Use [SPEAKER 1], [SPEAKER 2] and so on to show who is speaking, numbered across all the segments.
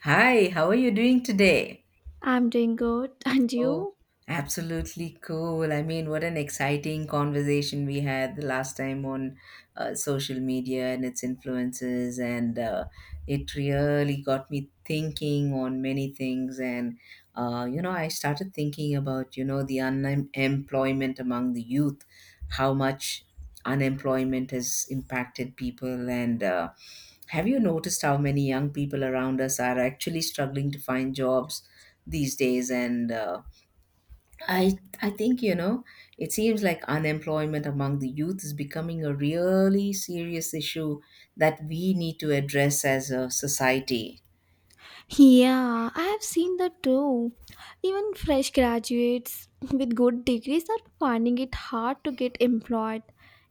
[SPEAKER 1] Hi, how are you doing today?
[SPEAKER 2] I'm doing good. And
[SPEAKER 1] Oh,
[SPEAKER 2] you?
[SPEAKER 1] absolutely cool. I mean, what an exciting conversation we had the last time on social media and its influences. And It really got me thinking on many things. I started thinking about, the unemployment among the youth, how much unemployment has impacted people and have you noticed how many young people around us are actually struggling to find jobs these days? And I think you know, it seems like unemployment among the youth is becoming a really serious issue that we need to address as a society.
[SPEAKER 2] Yeah, I have seen that too. Even fresh graduates with good degrees are finding it hard to get employed.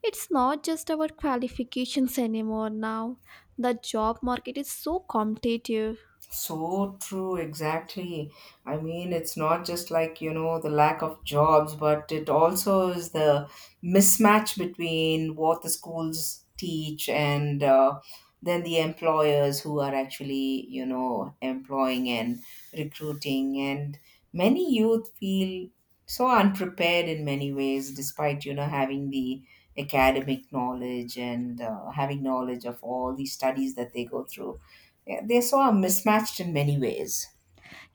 [SPEAKER 2] It's not just about qualifications anymore now. The job market is so competitive.
[SPEAKER 1] So true, exactly. I mean, it's not just like, you know, the lack of jobs, but it also is the mismatch between what the schools teach and then the employers who are actually, you know, employing and recruiting. And many youth feel so unprepared in many ways, despite, you know, having the academic knowledge and having knowledge of all the studies that they go through yeah, they saw mismatched in many ways.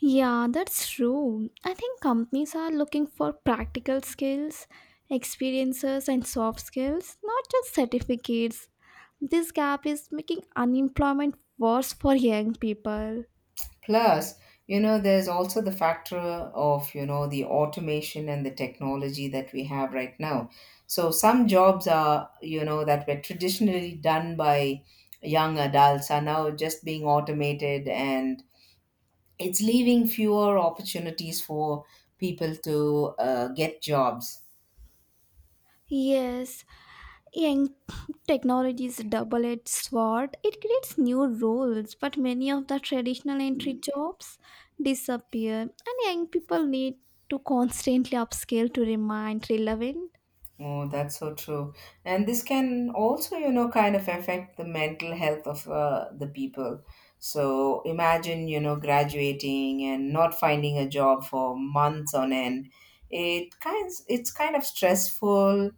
[SPEAKER 2] Yeah, that's true. I think companies are looking for practical skills, experiences, and soft skills, not just certificates. This gap is making unemployment worse for young people.
[SPEAKER 1] Plus, you know, there's also the factor of, you know, the automation and the technology that we have right now. So some jobs are, you know, that were traditionally done by young adults are now just being automated and it's leaving fewer opportunities for people to get jobs.
[SPEAKER 2] Yes, young technology is a double-edged sword. It creates new roles, but many of the traditional entry jobs disappear, and young people need to constantly upscale to remain relevant.
[SPEAKER 1] Oh, that's so true. And this can also, you know, kind of affect the mental health of the people. So imagine, you know, graduating and not finding a job for months on end. It's kind of stressful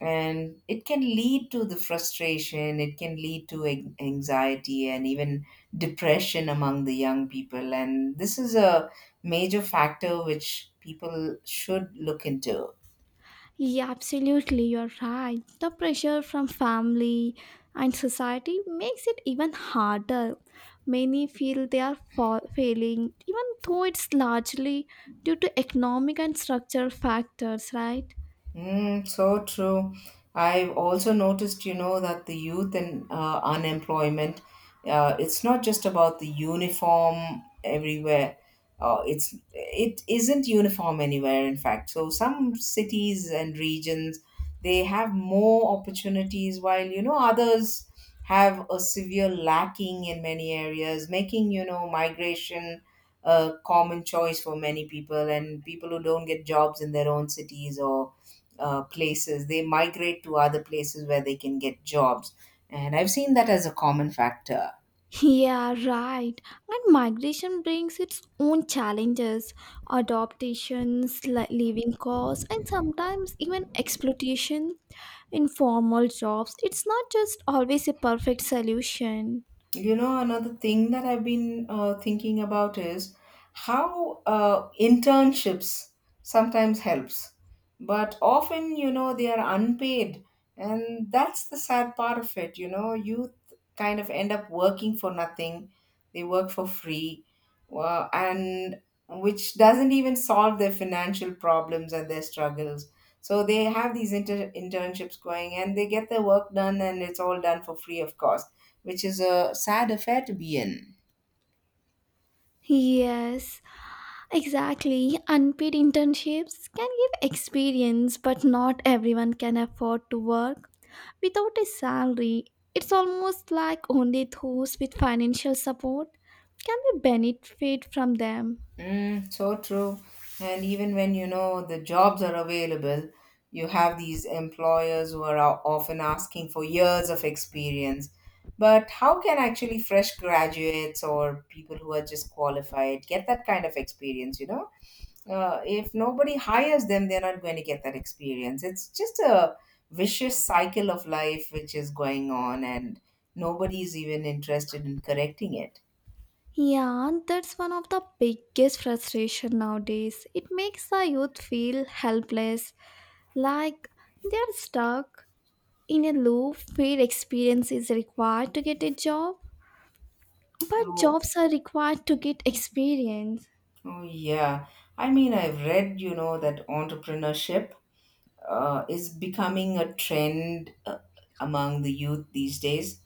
[SPEAKER 1] and it can lead to the frustration, it can lead to anxiety and even depression among the young people. And this is a major factor which people should look into.
[SPEAKER 2] Yeah, absolutely, you're right. The pressure from family and society makes it even harder. Many feel they are failing, even though it's largely due to economic and structural factors, right?
[SPEAKER 1] Mm, so true. I've also noticed, you know, that the youth and unemployment, it's not just about the uniform everywhere. It isn't uniform anywhere, in fact. So some cities and regions they have more opportunities, while you know others have a severe lacking in many areas, making you know migration a common choice for many people and people who don't get jobs in their own cities or places. They migrate to other places where they can get jobs. And I've seen that as a common factor.
[SPEAKER 2] Yeah, right. And migration brings its own challenges, adaptations, living costs, and sometimes even exploitation in formal jobs. It's not just always a perfect solution.
[SPEAKER 1] You know, another thing that I've been thinking about is how internships sometimes helps, but often, you know, they are unpaid, and that's the sad part of it. You know, youth kind of end up working for nothing; they work for free, and which doesn't even solve their financial problems and their struggles. So they have these internships going, and they get their work done, and it's all done for free, of course which is a sad affair to be in.
[SPEAKER 2] Yes, exactly. Unpaid internships can give experience, but not everyone can afford to work without a salary. It's almost like only those with financial support can be benefit from them.
[SPEAKER 1] Mm, so true. And even when you know the jobs are available, you have these employers who are often asking for years of experience. But how can actually fresh graduates or people who are just qualified get that kind of experience? You know, if nobody hires them, they're not going to get that experience. It's just a vicious cycle of life which is going on, and nobody's even interested in correcting it.
[SPEAKER 2] Yeah, that's one of the biggest frustration nowadays. It makes the youth feel helpless, like they are stuck in a loop where experience is required to get a job. But
[SPEAKER 1] Oh,
[SPEAKER 2] jobs are required to get experience.
[SPEAKER 1] oh, yeah. I mean, I've read, you know, that entrepreneurship is becoming a trend among the youth these days.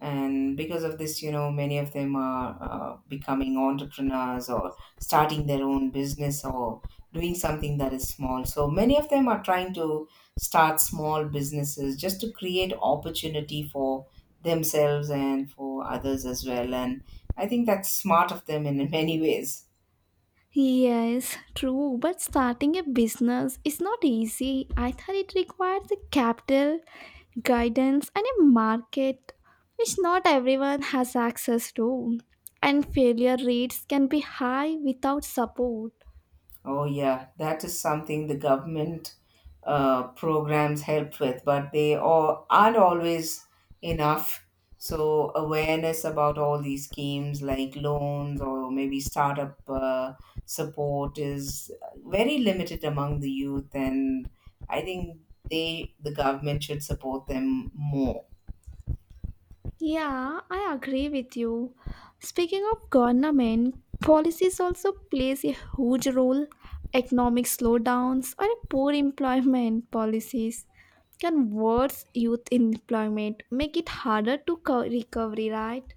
[SPEAKER 1] And because of this, you know, many of them are becoming entrepreneurs or starting their own business or doing something that is small. So many of them are trying to start small businesses just to create opportunity for themselves and for others as well. And I think that's smart of them in many ways.
[SPEAKER 2] Yes, true. But starting a business is not easy. I thought it requires the capital, guidance, and a market which not everyone has access to. And failure rates can be high without support.
[SPEAKER 1] Oh, yeah, that is something the government programs help with, but they all, aren't always enough. So, awareness about all these schemes like loans or maybe startup support is very limited among the youth, and I think they, the government, should support them more.
[SPEAKER 2] Yeah, I agree with you. Speaking of government, policies also plays a huge role. Economic slowdowns or poor employment policies can worsen youth employment, make it harder to recovery, right?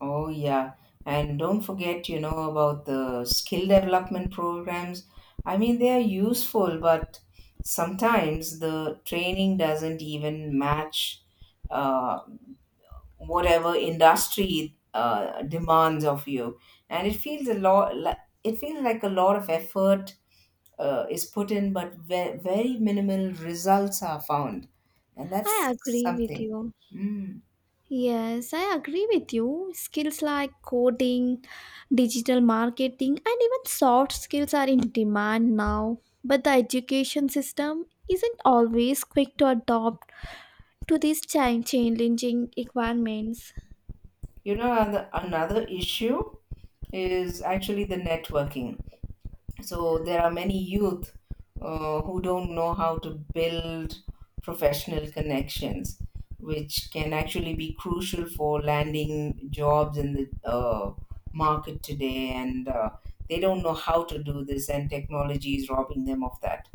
[SPEAKER 1] Oh, yeah. And don't forget, you know, about the skill development programs. I mean, they are useful, but sometimes the training doesn't even match uh, whatever industry demands of you. And it feels like a lot of effort is put in, but very minimal results are found. And
[SPEAKER 2] I
[SPEAKER 1] that's
[SPEAKER 2] agree with
[SPEAKER 1] something.
[SPEAKER 2] you.
[SPEAKER 1] Hmm.
[SPEAKER 2] Yes, I agree with you. Skills like coding, digital marketing, and even soft skills are in demand now. But the education system isn't always quick to adopt to these challenging requirements.
[SPEAKER 1] You know, another issue is actually the networking. So there are many youth who don't know how to build professional connections, which can actually be crucial for landing jobs in the market today. And they don't know how to do this, and technology is robbing them of that.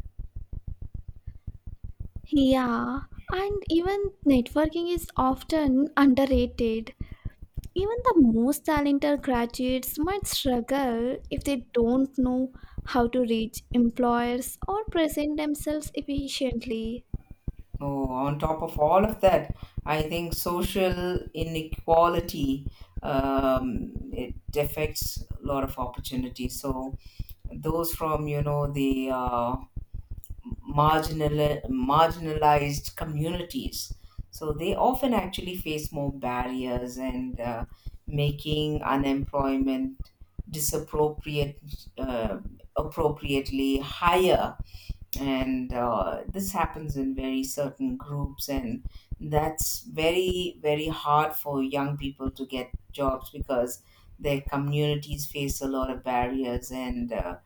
[SPEAKER 2] Yeah, and even networking is often underrated. Even the most talented graduates might struggle if they don't know how to reach employers or present themselves efficiently.
[SPEAKER 1] Oh, on top of all of that, I think social inequality it affects a lot of opportunities. So those from you know the marginalized communities, so they often actually face more barriers and making unemployment disappropriate uh, appropriately higher and this happens in very certain groups and that's very hard for young people to get jobs because their communities face a lot of barriers and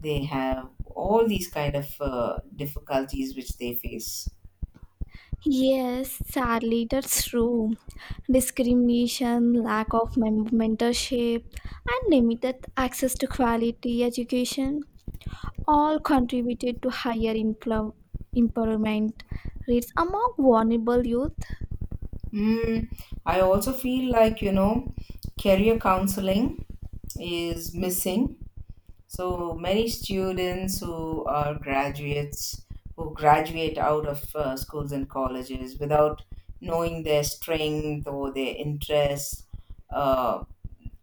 [SPEAKER 1] they have all these kind of difficulties which they face.
[SPEAKER 2] Yes, sadly, that's true. Discrimination, lack of mentorship, and limited access to quality education all contributed to higher employment rates among vulnerable youth.
[SPEAKER 1] Mm, I also feel like you know career counseling is missing. So many students who are graduates who graduate out of schools and colleges without knowing their strength or their interests, uh,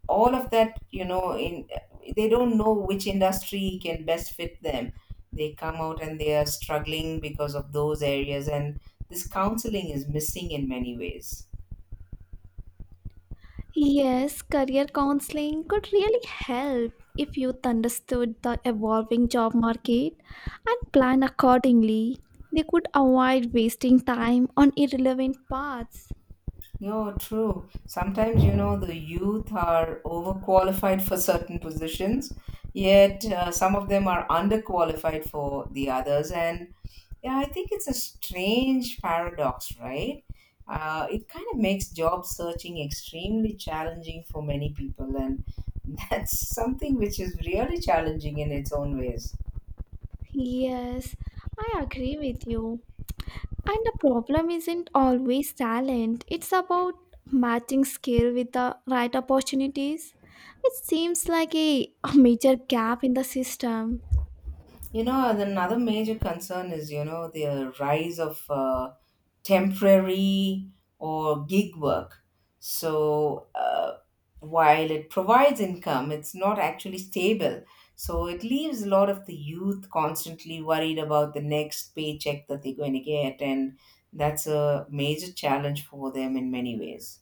[SPEAKER 1] all of that, you know, in they don't know which industry can best fit them. They come out and they are struggling because of those areas, and this counseling is missing in many ways.
[SPEAKER 2] Yes, career counseling could really help if youth understood the evolving job market and plan accordingly. They could avoid wasting time on irrelevant paths.
[SPEAKER 1] No, true. Sometimes, you know, the youth are overqualified for certain positions, yet some of them are underqualified for the others. And yeah, I think it's a strange paradox, right? It kind of makes job searching extremely challenging for many people, and that's something which is really challenging in its own ways.
[SPEAKER 2] Yes, I agree with you. And the problem isn't always talent, it's about matching skill with the right opportunities. It seems like a major gap in the system.
[SPEAKER 1] You know, and another major concern is, you know, the rise of temporary or gig work. So while it provides income, it's not actually stable. So it leaves a lot of the youth constantly worried about the next paycheck that they're going to get, and that's a major challenge for them in many ways.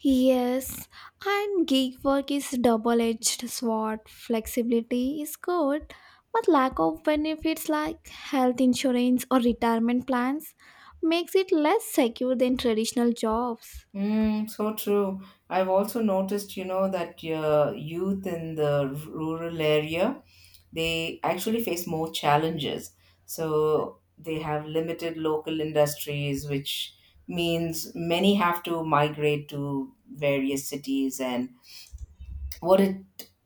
[SPEAKER 2] Yes, and gig work is double-edged sword. Flexibility is good, but lack of benefits like health insurance or retirement plans makes it less secure than traditional jobs.
[SPEAKER 1] Mm, so true. I've also noticed, you know, that youth in the rural area they actually face more challenges. So they have limited local industries, which means many have to migrate to various cities. And what it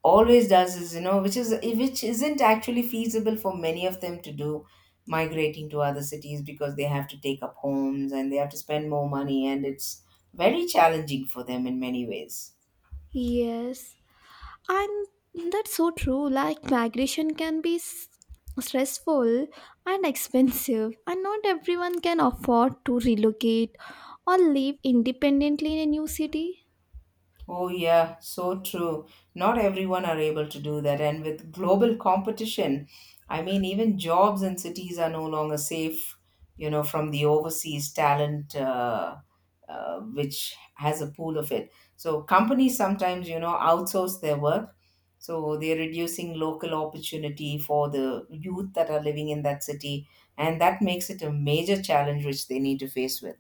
[SPEAKER 1] always does is, you know, which isn't actually feasible for many of them to do migrating to other cities because they have to take up homes and they have to spend more money and it's very challenging for them in many ways.
[SPEAKER 2] Yes, and that's so true. Like migration can be stressful and expensive, and not everyone can afford to relocate or live independently in a new city.
[SPEAKER 1] Oh, yeah, so true. Not everyone are able to do that. And with global competition, I mean, even jobs in cities are no longer safe, you know, from the overseas talent, which has a pool of it. So companies sometimes, you know, outsource their work. So they're reducing local opportunity for the youth that are living in that city. And that makes it a major challenge which they need to face with.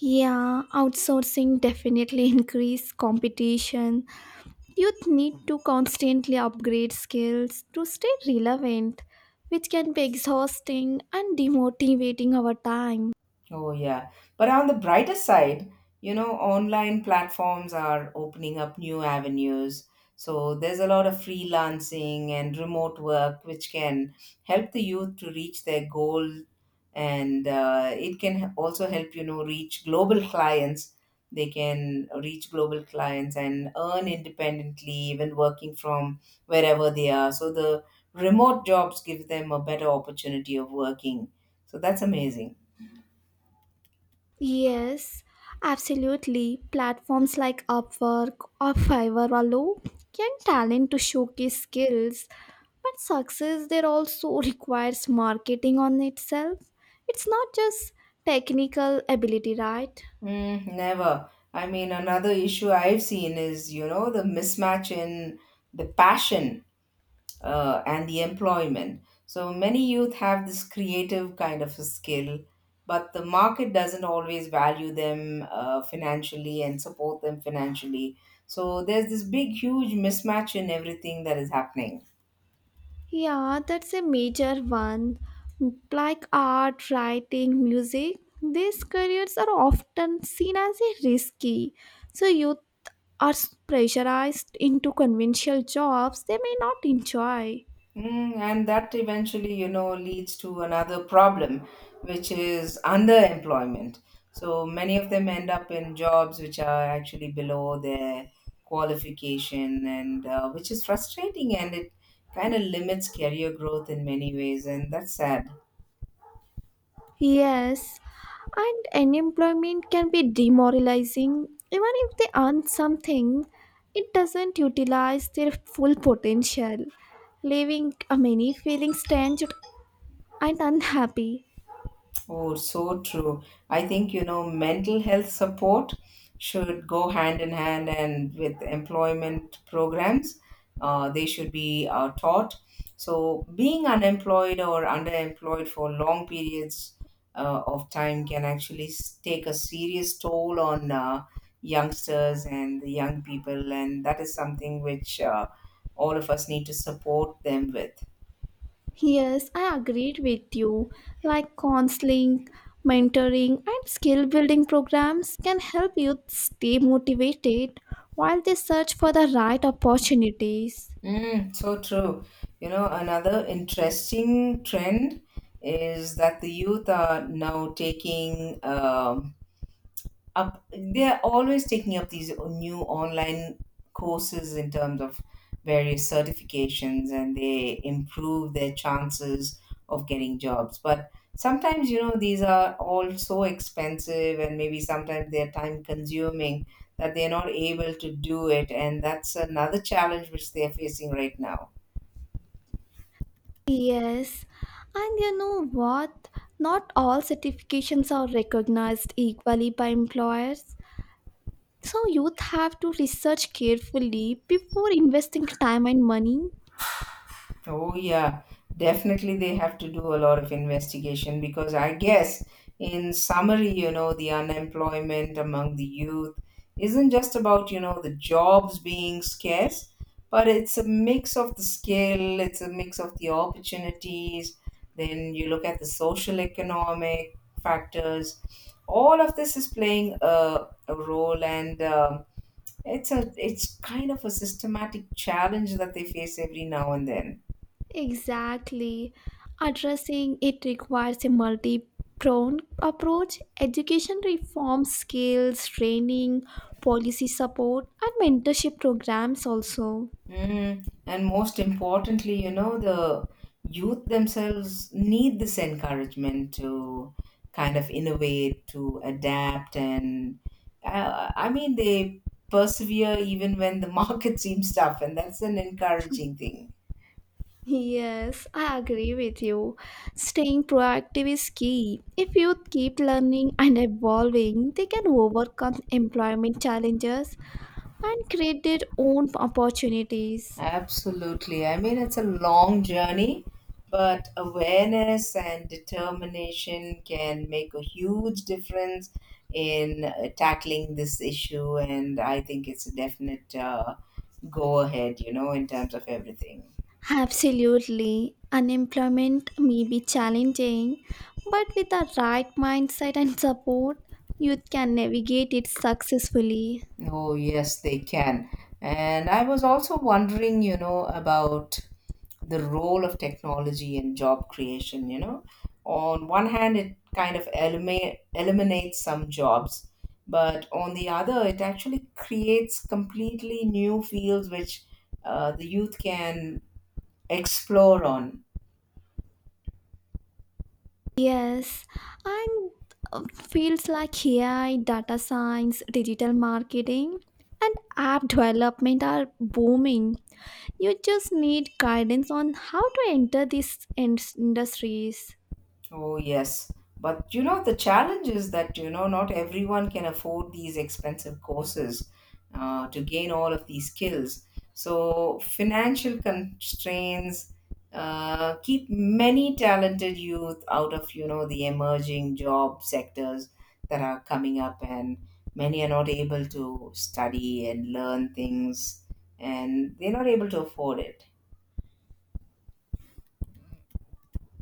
[SPEAKER 2] Yeah, outsourcing definitely increase competition. Youth need to constantly upgrade skills to stay relevant, which can be exhausting and demotivating over time.
[SPEAKER 1] Oh, yeah. But on the brighter side, you know, online platforms are opening up new avenues. So there's a lot of freelancing and remote work, which can help the youth to reach their goal. And it can also help, you know, reach global clients. They can reach global clients and earn independently, even working from wherever they are. So the remote jobs give them a better opportunity of working. So that's amazing.
[SPEAKER 2] Yes, absolutely. Platforms like Upwork or Fiverr or Low can talent to showcase skills, but success there also requires marketing on itself. It's not just technical ability, right?
[SPEAKER 1] Mm, never. I mean, another issue I've seen is, you know, the mismatch in the passion and the employment. So many youth have this creative kind of a skill, but the market doesn't always value them financially and support them financially. So there's this big, huge mismatch in everything that is happening.
[SPEAKER 2] Yeah, that's a major one. Like art, writing, music, these careers are often seen as a risky. So youth are pressurized into conventional jobs they may not enjoy.
[SPEAKER 1] Mm, and that eventually, you know, leads to another problem, which is underemployment. So many of them end up in jobs which are actually below their qualification, and which is frustrating and it kind of limits career growth in many ways, and that's sad.
[SPEAKER 2] Yes, and unemployment can be demoralizing. Even if they earn something, it doesn't utilize their full potential, leaving many feeling strange and unhappy.
[SPEAKER 1] Oh, so true. I think, you know, mental health support should go hand in hand and with employment programs, they should be taught. So, being unemployed or underemployed for long periods of time can actually take a serious toll on youngsters and the young people, and that is something which all of us need to support them with.
[SPEAKER 2] Yes, I agreed with you. Like counseling, mentoring, and skill building programs can help youth stay motivated while they search for the right opportunities.
[SPEAKER 1] Mm, so true. You know, another interesting trend is that the youth are now taking up, they're always taking up these new online courses in terms of various certifications and they improve their chances of getting jobs. But sometimes, you know, these are all so expensive and maybe sometimes they're time consuming that they're not able to do it. And that's another challenge which they're facing right now.
[SPEAKER 2] Yes, and you know what? Not all certifications are recognized equally by employers. So, youth have to research carefully before investing time and money.
[SPEAKER 1] Oh, yeah, definitely they have to do a lot of investigation because I guess, in summary, you know, the unemployment among the youth isn't just about, you know, the jobs being scarce, but it's a mix of the skill, it's a mix of the opportunities. Then you look at the social economic factors. All of this is playing a role, and it's kind of a systematic challenge that they face every now and then.
[SPEAKER 2] Exactly. Addressing it requires a multi pronged approach education reform, skills, training, policy support, and mentorship programs also.
[SPEAKER 1] Mm, and most importantly, you know, the youth themselves need this encouragement to kind of innovate, to adapt, and they persevere even when the market seems tough, and that's an encouraging thing.
[SPEAKER 2] Yes, I agree with you. Staying proactive is key. If youth keep learning and evolving, they can overcome employment challenges and create their own opportunities.
[SPEAKER 1] Absolutely. I mean, it's a long journey, but awareness and determination can make a huge difference in tackling this issue. And I think it's a definite go ahead, you know, in terms of everything.
[SPEAKER 2] Absolutely. Unemployment may be challenging, but with the right mindset and support, youth can navigate it successfully.
[SPEAKER 1] Oh, yes, they can. And I was also wondering, you know, about the role of technology in job creation, you know, on one hand it kind of eliminates some jobs, but on the other it actually creates completely new fields which the youth can explore on.
[SPEAKER 2] Yes, and fields like AI, data science, digital marketing, and app development are booming. You just need guidance on how to enter these industries.
[SPEAKER 1] Oh, yes. But you know, the challenge is that, you know, not everyone can afford these expensive courses to gain all of these skills. So, financial constraints keep many talented youth out of, you know, the emerging job sectors that are coming up, and many are not able to study and learn things, and they're not able to afford it.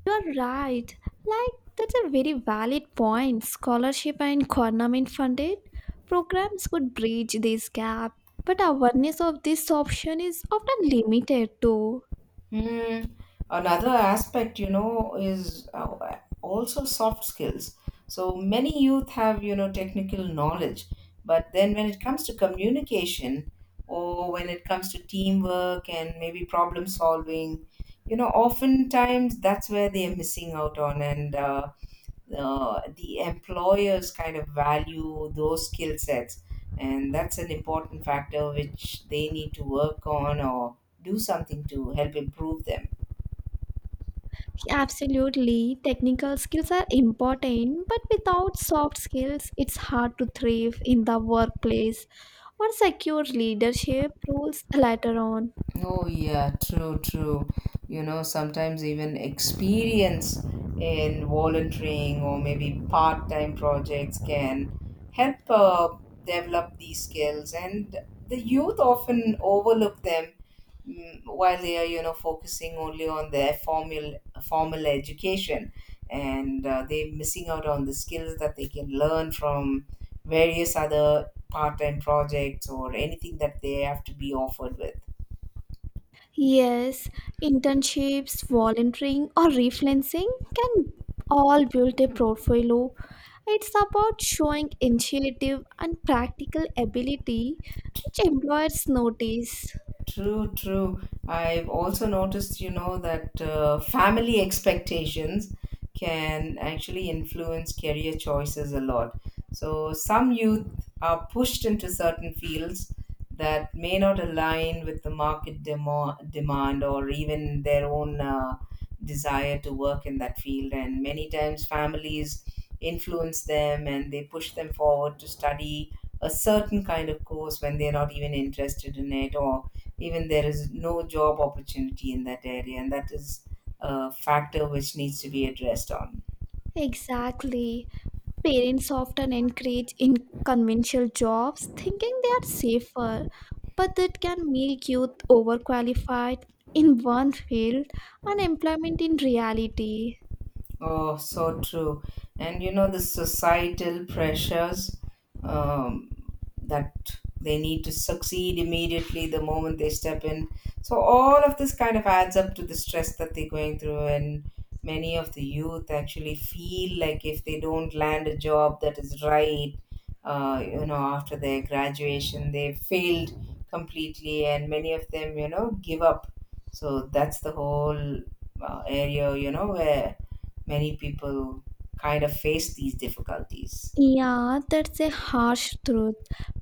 [SPEAKER 2] You're right. Like, that's a very valid point. Scholarship and government funded programs could bridge this gap, but awareness of this option is often limited too.
[SPEAKER 1] Hmm. Another aspect, you know, is also soft skills. So many youth have, you know, technical knowledge, but then when it comes to communication or when it comes to teamwork and maybe problem solving, you know, oftentimes that's where they are missing out on. And The employers kind of value those skill sets, and that's an important factor which they need to work on or do something to help improve them.
[SPEAKER 2] Absolutely, technical skills are important, but without soft skills, it's hard to thrive in the workplace or secure leadership roles later on.
[SPEAKER 1] Oh, yeah, true, true. You know, sometimes even experience in volunteering or maybe part time projects can help develop these skills, and the youth often overlook them, while they are, you know, focusing only on their formal education, and they're missing out on the skills that they can learn from various other part time projects or anything that they have to be offered with.
[SPEAKER 2] Yes, internships, volunteering, or freelancing can all build a portfolio. It's about showing initiative and practical ability, which employers notice.
[SPEAKER 1] True, true. I've also noticed, you know, that family expectations can actually influence career choices a lot. So some youth are pushed into certain fields that may not align with the market demand or even their own desire to work in that field. And many times families influence them, and they push them forward to study a certain kind of course when they're not even interested in it, or even there is no job opportunity in that area, and that is a factor which needs to be addressed on.
[SPEAKER 2] Exactly. Parents often encourage in conventional jobs, thinking they are safer, but it can make youth overqualified in one field and employment in reality.
[SPEAKER 1] Oh, so true. And you know, the societal pressures, um, that they need to succeed immediately the moment they step in. So, all of this kind of adds up to the stress that they're going through. And many of the youth actually feel like if they don't land a job that is right, you know, after their graduation, they failed completely. And many of them, you know, give up. So, that's the whole area, you know, where many people kind of face these difficulties.
[SPEAKER 2] Yeah, that's a harsh truth.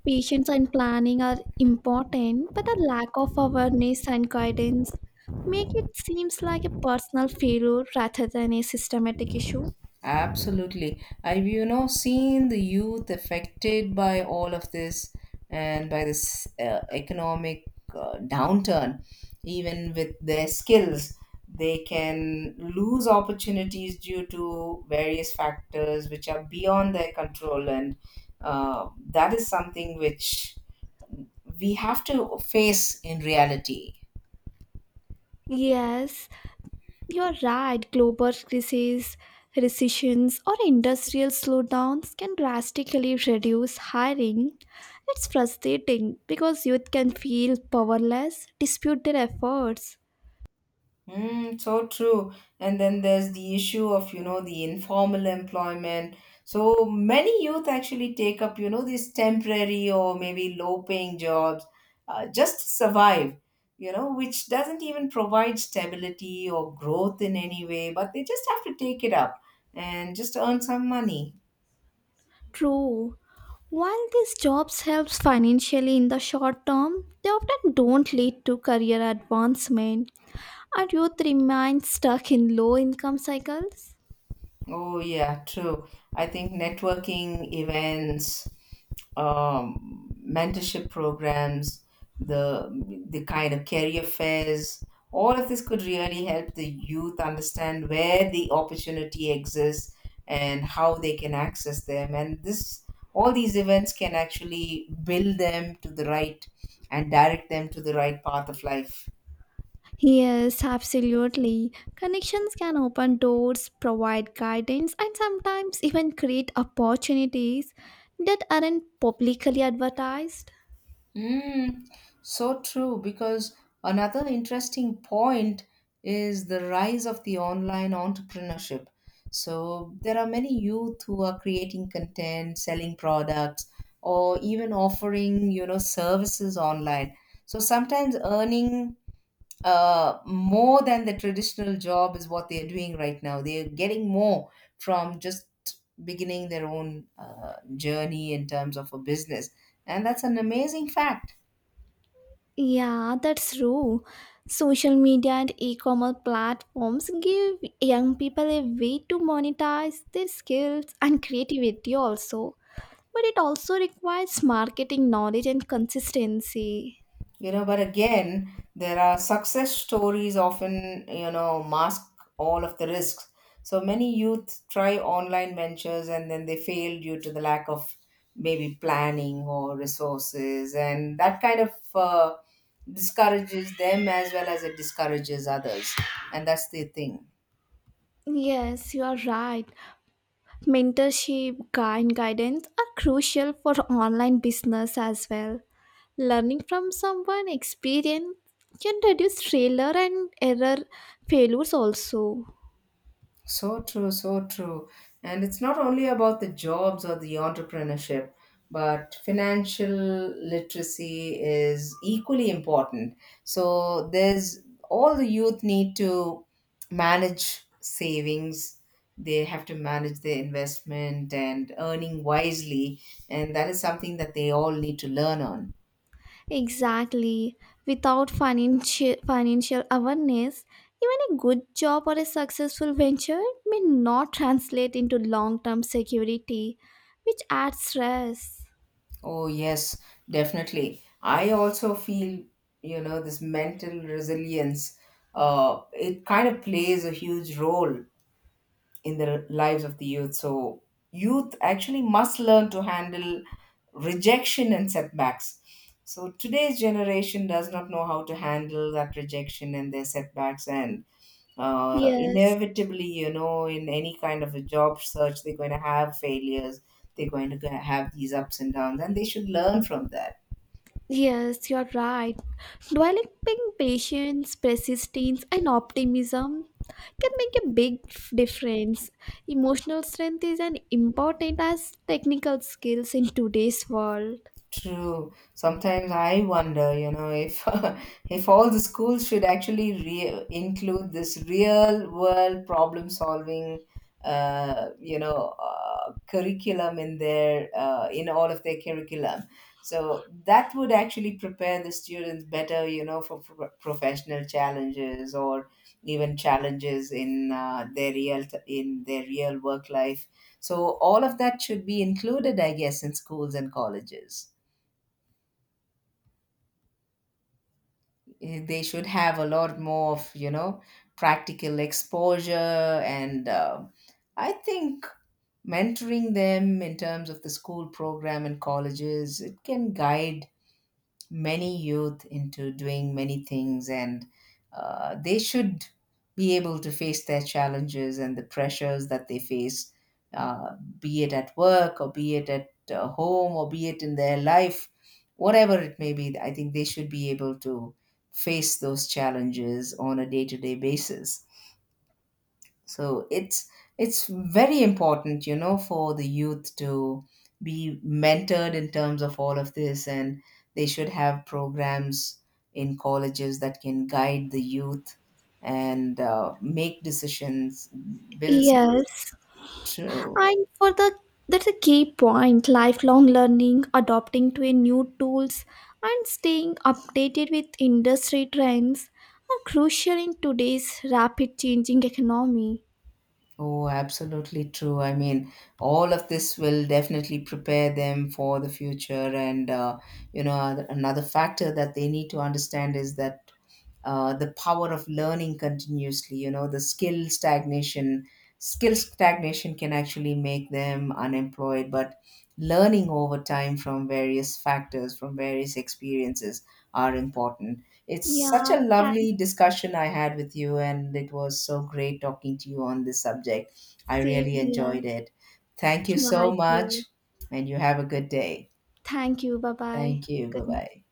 [SPEAKER 2] Patience and planning are important, but the lack of awareness and guidance make it seems like a personal failure rather than a systematic issue.
[SPEAKER 1] Absolutely. I've, you know, seen the youth affected by all of this and by this economic downturn. Even with their skills, they can lose opportunities due to various factors which are beyond their control. And that is something which we have to face in reality.
[SPEAKER 2] Yes, you're right. Global crises, recessions, or industrial slowdowns can drastically reduce hiring. It's frustrating because youth can feel powerless, dispute their efforts.
[SPEAKER 1] Mm, so true. And then there's the issue of, you know, the informal employment. So many youth actually take up, you know, these temporary or maybe low paying jobs, just to survive, you know, which doesn't even provide stability or growth in any way, but they just have to take it up and just earn some money.
[SPEAKER 2] True. While these jobs helps financially in the short term, they often don't lead to career advancement. Our youth remains stuck in low income cycles.
[SPEAKER 1] Oh, yeah, true. I think networking events, mentorship programs, the the kind of career fairs, all of this could really help the youth understand where the opportunity exists and how they can access them. And this, all these events can actually build them to the right and direct them to the right path of life.
[SPEAKER 2] Yes, absolutely. Connections can open doors, provide guidance, and sometimes even create opportunities that aren't publicly advertised.
[SPEAKER 1] Mm, so true, because another interesting point is the rise of the online entrepreneurship. So there are many youth who are creating content, selling products, or even offering, you know, services online. So sometimes earning more than the traditional job is what they're doing right now. They're getting more from just beginning their own journey in terms of a business. And that's an amazing fact.
[SPEAKER 2] Yeah, that's true. Social media and e-commerce platforms give young people a way to monetize their skills and creativity also. But it also requires marketing knowledge and consistency.
[SPEAKER 1] You know, but again, there are success stories often, you know, mask all of the risks. So many youth try online ventures and then they fail due to the lack of maybe planning or resources, and that kind of discourages them as well as it discourages others, and that's the thing.
[SPEAKER 2] Yes, you are right. Mentorship and guidance are crucial for online business as well. Learning from someone experienced can reduce failure and error failures also.
[SPEAKER 1] So true, so true. And it's not only about the jobs or the entrepreneurship, but financial literacy is equally important. So there's all the youth need to manage savings, they have to manage their investment and earning wisely, and that is something that they all need to learn on.
[SPEAKER 2] Exactly. Without financial awareness, even a good job or a successful venture may not translate into long-term security, which adds stress.
[SPEAKER 1] Oh, yes, definitely. I also feel, you know, this mental resilience, it kind of plays a huge role in the lives of the youth. So, youth actually must learn to handle rejection and setbacks. So, today's generation does not know how to handle that rejection and their setbacks, and
[SPEAKER 2] Yes,
[SPEAKER 1] inevitably, you know, in any kind of a job search, they're going to have failures, they're going to have these ups and downs, and they should learn from that.
[SPEAKER 2] yes, you're right. Developing patience, persistence, and optimism can make a big difference. Emotional strength is as important as technical skills in today's world.
[SPEAKER 1] True. Sometimes I wonder, you know, if if all the schools should actually include this real world problem solving, curriculum in their in all of their curriculum. So that would actually prepare the students better, you know, for professional challenges or even challenges in their real in their real work life. So all of that should be included, I guess, in schools and colleges. Eh, they should have a lot more of, you know, practical exposure, and I think mentoring them in terms of the school program and colleges, it can guide many youth into doing many things, and they should be able to face their challenges and the pressures that they face, be it at work or be it at home or be it in their life, whatever it may be. I think they should be able to face those challenges on a day-to-day basis. So it's very important, you know, for the youth to be mentored in terms of all of this, and they should have programs in colleges that can guide the youth and make decisions, build skills.
[SPEAKER 2] Yes,
[SPEAKER 1] True.
[SPEAKER 2] and for the that's a key point lifelong learning, adopting to a new tools and staying updated with industry trends are crucial in today's rapid changing economy.
[SPEAKER 1] Oh, absolutely true. I mean, all of this will definitely prepare them for the future. And, you know, another factor that they need to understand is that the power of learning continuously, you know, the skill stagnation can actually make them unemployed, but learning over time from various factors, from various experiences, are important. It's such
[SPEAKER 2] Yeah,
[SPEAKER 1] a lovely
[SPEAKER 2] thanks.
[SPEAKER 1] discussion I had with you, and it was so great talking to you on this subject. I
[SPEAKER 2] Same
[SPEAKER 1] really enjoyed
[SPEAKER 2] here.
[SPEAKER 1] it. Thank you
[SPEAKER 2] Yeah,
[SPEAKER 1] so
[SPEAKER 2] I
[SPEAKER 1] much.
[SPEAKER 2] do.
[SPEAKER 1] And you have a good day.
[SPEAKER 2] Thank you. Bye bye.
[SPEAKER 1] Thank you. Bye
[SPEAKER 2] Good night.
[SPEAKER 1] bye.